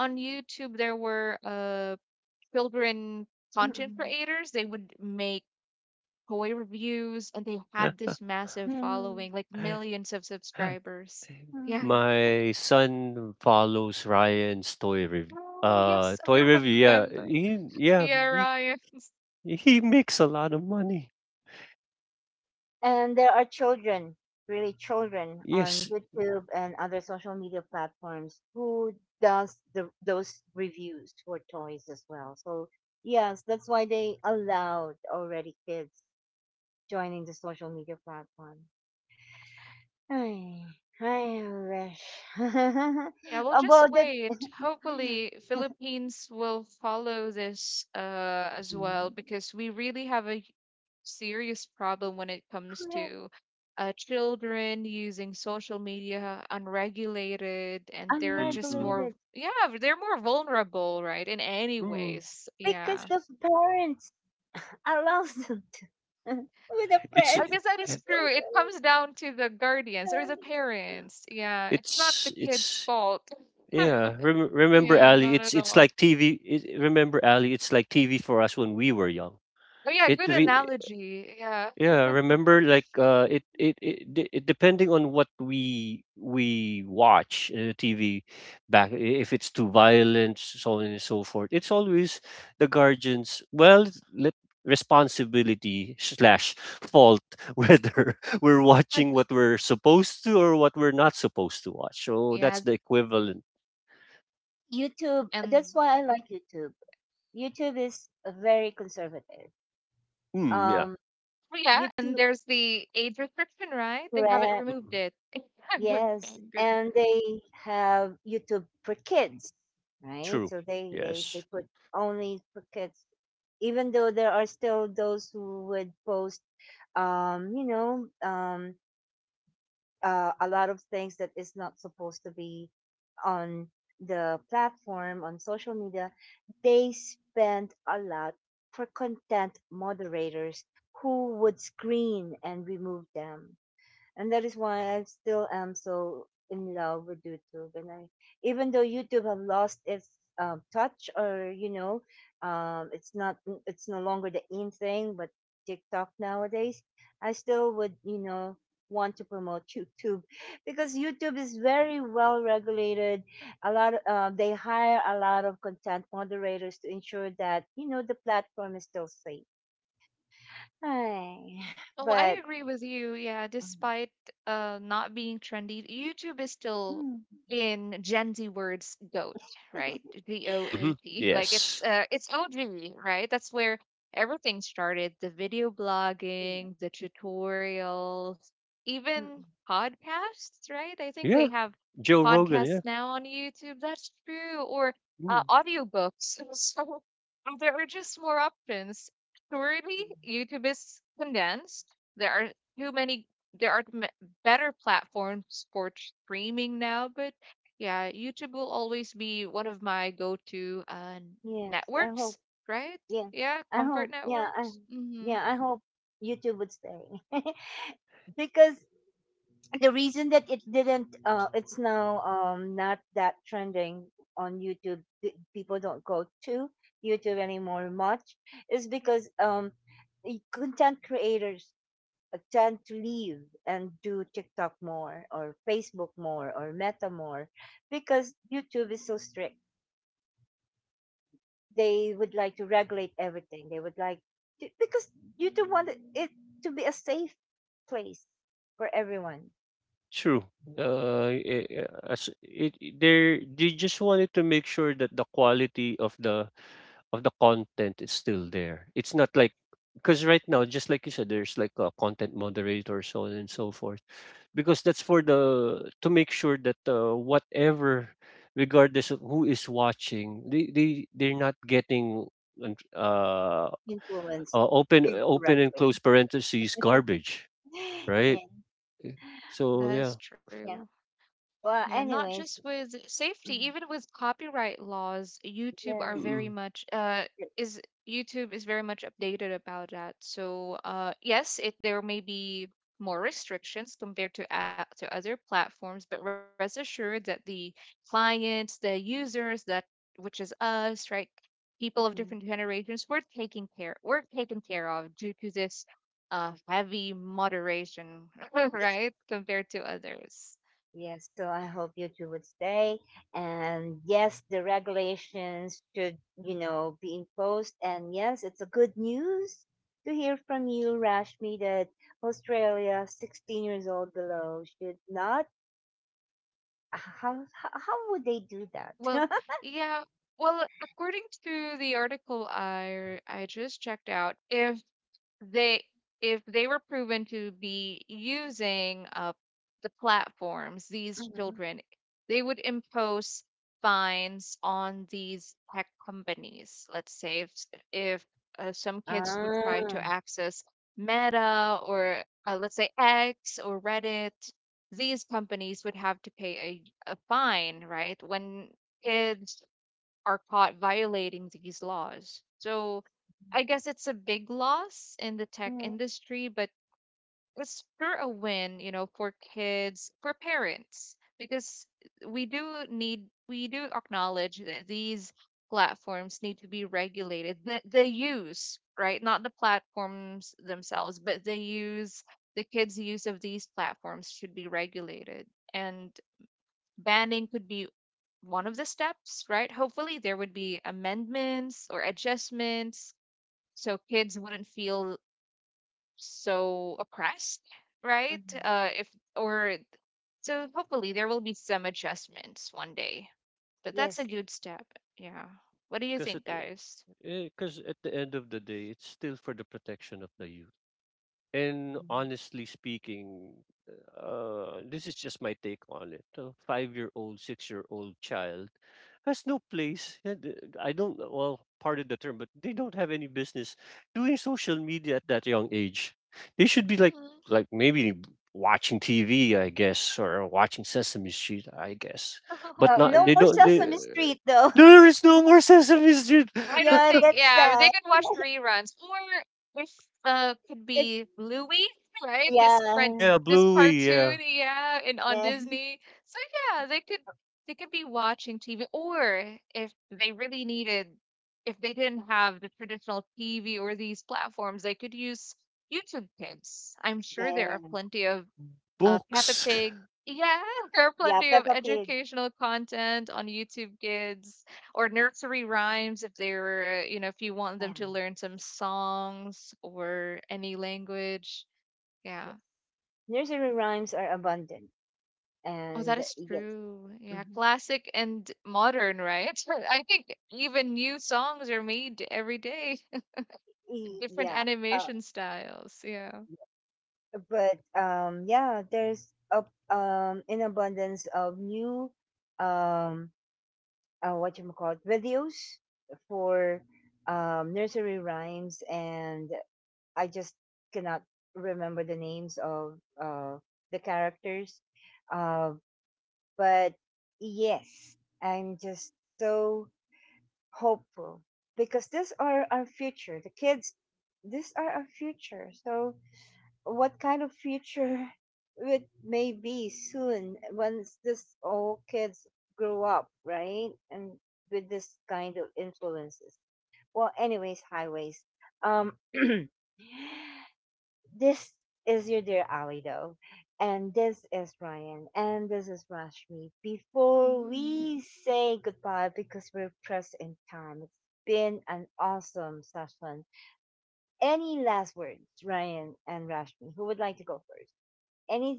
on YouTube there were children content Mm-mm. creators. They would make toy reviews, and they had this massive Mm-mm. following, like millions of subscribers. Yeah. My son follows Ryan's toy review. Oh, yes, Toy I review. Remember. Yeah, Yeah. Ryan. He makes a lot of money. And there are children, really children, on Yes. YouTube and other social media platforms who does those reviews for toys as well. So yes, that's why they allowed already kids joining the social media platform. I, I wish. Yeah, we'll just About that, wait. Hopefully, Philippines will follow this as mm, well, because we really have a serious problem when it comes correct, to children using social media unregulated, and they're just Mm-mm. more, unregulated yeah, they're more vulnerable, right? In any Mm. ways, because yeah. the parents allows them to. With the It's I parents. guess that is eh, true. It comes down to the guardians or the parents. Yeah, it's not the kid's it's fault. yeah. Remember, And Yeah, Ali? not at It's all. like TV. It, remember, Ali? It's like TV for us when we were young. Oh yeah, It good we. analogy. Yeah. Yeah, remember like it depending on what we watch TV back, if it's too violent, so on and so forth, it's always the guardians, well, let responsibility slash fault, whether we're watching what we're supposed to or what we're not supposed to watch. So Yeah, that's the equivalent. YouTube, that's and why I like YouTube. YouTube is very conservative. Mm, yeah. Um, well, yeah, and YouTube, there's the age restriction, right? They haven't correct, removed Mhm. it. Good yes, thing. Good. and they have YouTube for kids, right? True. So they Yes. put only for kids, even though there are still those who would post, um, you know, um, a lot of things that is not supposed to be on the platform on social media, they spend a lot for content moderators who would screen and remove them, and that is why I still am so in love with YouTube. And I, even though YouTube have lost its touch, or you know, um, it's not, it's no longer the in thing, but TikTok nowadays, I still would, you know, want to promote YouTube because YouTube is very well regulated. A lot, of, they hire a lot of content moderators to ensure that you know the platform is still safe. Ay, Oh, I but. agree with you. Yeah, despite not being trendy, YouTube is Mm, still, in Gen Z words, GOAT, right? mm. G O A Hmm, T. Like, it's yes. it's OG, right? That's where everything started. The video blogging, the tutorials, even Mm. podcasts, right? I think they Yeah, have Joe Rogan, podcasts yeah. now on YouTube. That's true. Or Mm. audiobooks. So there are just more options. Yeah. Surely YouTube is condensed, there are too many, there are m- better platforms for streaming now, but yeah, YouTube will always be one of my go-to Yes, I hope. networks, right? Yeah, Yeah, I hope. comfort networks. Mm-hmm. Yeah, I hope YouTube would stay because the reason that it didn't, it's now not that trending on YouTube. People don't go to YouTube anymore much is because the content creators tend to leave and do TikTok more or Facebook more or Meta more because YouTube is so strict. They would like to regulate everything. They would like to, because you do want it to be a safe place for everyone True. They just wanted to make sure that the quality of the content is still there. It's not like, because right now, just like you said, there's like a content moderator, so on and so forth. Because that's for the, to make sure that whatever, regardless of who is watching, they're not getting un- uh, influenced uh, open, open and incorrectly. close parentheses, garbage, right? Yeah, So That yeah. is yeah. true. Well, Yeah, not anyways, just with mm, safety, even with copyright laws, yes. Mm-mm. Is YouTube is very much updated about that. So, uh, yes, it there may be more restrictions compared to to other platforms, but rest assured that the clients, the users that, which is us, right? People of Mhm. different generations, we're taking care, we're taken care of due to this heavy moderation, right? Compared to others. Yes, so I hope you two would stay. And yes, the regulations should, you know, be imposed. And yes, it's a good news to hear from you, Rashmi, that Australia, 16 years old below, should not. How would they do that? Well, yeah. Well, according to the article I just checked out, they if they were proven to be using the platforms, these Mm-hmm. children, they would impose fines on these tech companies. Let's say if, if some kids would try Ah, to access Meta, or let's say X or Reddit, these companies would have to pay a fine, right, when kids are caught violating these laws. So I guess it's a big loss in the tech hmm, industry, but it's sure a win, you know, for kids, for parents, because we do need, we do acknowledge that these platforms need to be regulated. The use, right? Not the platforms themselves, but the use, the kids' use of these platforms should be regulated. And banning could be one of the steps, right? Hopefully, there would be amendments or adjustments so kids wouldn't feel so oppressed, right? mhm. If or so, hopefully, there will be some adjustments one day, but that's a Yes. good step. Yeah. What do you because at think, guys? because at the end of the day, it's still for the protection of the youth. And honestly speaking, this is just my take on it. A 5-year-old, 6-year-old child has no place, and I don't, well, pardon the term, but they don't have any business doing social media at that young age. They should be Mhm. like maybe watching TV, I guess, or watching Sesame Street, I guess. Oh, But Oh, not, no they yes. more don't, they, Sesame Street, though. there is no more Sesame Street. I don't Yeah, think, that's yeah, they sad. could watch reruns. Or if could It, be Louie, right? This yeah, friend Yeah, this Bluey, yeah. cartoon, yeah, and on yeah, Disney. So yeah, they could be watching TV. Or if they really needed, if they didn't have the traditional TV or these platforms, they could use YouTube Kids. I'm sure there yeah, are plenty of Peppa Books. Pig. Yeah, there are yeah. plenty of Peppa Pig. educational content on YouTube Kids, or nursery rhymes, if they were, you know, if you want Yeah, them to learn some songs or any language. yes. Yeah. Nursery rhymes are abundant, Oh, and that is yes, true. Yeah, mhm. classic and modern, right? I think even new songs are made every day, different Yeah. Uh, animation styles. Yeah. but yeah, there's a an abundance of new um what you call it videos for nursery rhymes, and I just cannot remember the names of uh the characters, uh, but yes, I'm just so hopeful because these are our future. The kids, these are our future. So, what kind of future it may be soon once this all kids grow up, right? And with this kind of influences. Well, anyways, highways. Um, This is your dear Ali, though. And this is Ryan. And this is Rashmi. Before Mm. we say goodbye, because we're pressed in time, it's been an awesome session. Any last words, Ryan and Rashmi? Who would like to go first?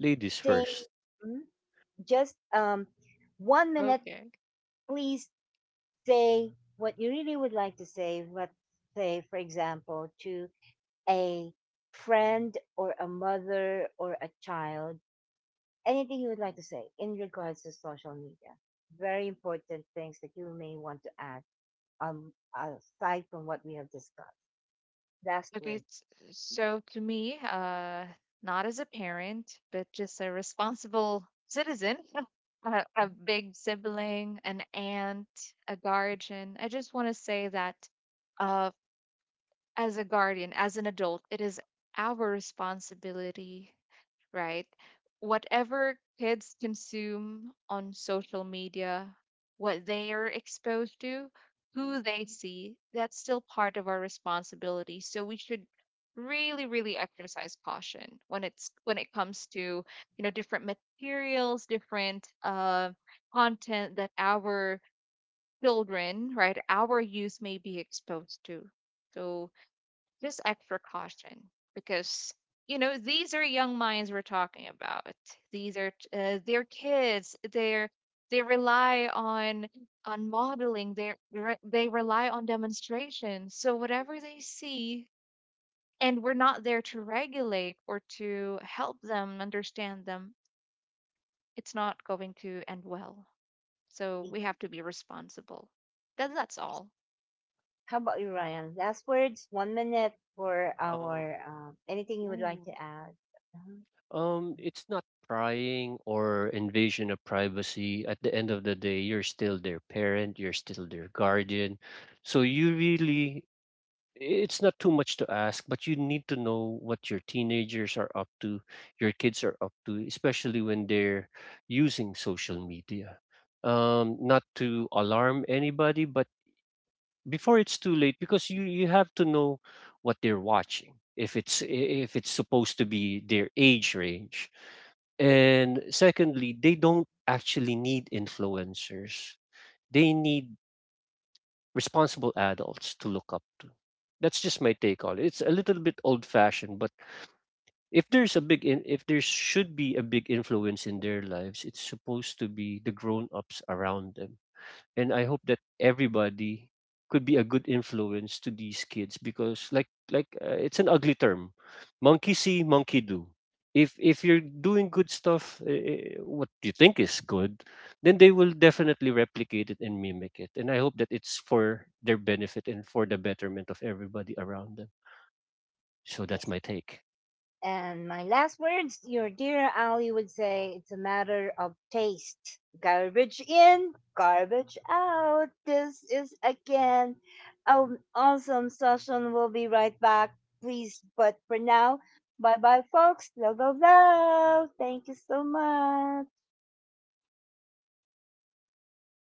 Ladies first. Mhm. Just one minute, Okay. please, say what you really would like to say. Let's say, for example, to a friend or a mother or a child, anything you would like to say in regards to social media? Very important things that you may want to add, aside from what we have discussed. Last Okay, words. So to me, not as a parent, but just a responsible citizen, a big sibling, an aunt, a guardian. I just want to say that uh, as a guardian, as an adult, it is our responsibility, right? Whatever kids consume on social media, what they are exposed to, who they see, that's still part of our responsibility. So we should really, really exercise caution when it comes to, you know, different materials, different content that our children, right, our youth may be exposed to. So just extra caution, because, you know, these are young minds we're talking about. These are they're kids. They're they rely on modeling. They they rely on demonstrations. So whatever they see, and we're not there to regulate or to help them understand them, it's not going to end well. So E, we have to be responsible. That, that's all. how about you, Ryan? Last words, one minute for Um, our anything you would like Mm. to add. Uh-huh. It's not prying or invasion of privacy. At the end of the day, you're still their parent, you're still their guardian. So you really, it's not too much to ask, but you need to know what your teenagers are up to, your kids are up to, especially when they're using social media. Not to alarm anybody, but before it's too late, because you have to know what they're watching, if it's, if it's supposed to be their age range. And secondly, they don't actually need influencers, they need responsible adults to look up to. That's just my take on it. It's a little bit old fashioned, but if there's a big in, if there should be a big influence in their lives, it's supposed to be the grown ups around them. And I hope that everybody could be a good influence to these kids, because like it's an ugly term, monkey see monkey do. If you're doing good stuff, what you think is good, then they will definitely replicate it and mimic it, and I hope that it's for their benefit and for the betterment of everybody around them. So that's Yes. my take. And my last words, your dear Ali would say, it's a matter of taste. Garbage in, garbage out. This is again an awesome session. We'll be right back, please. But for now, bye bye, folks. Love, love, love. Thank you so much.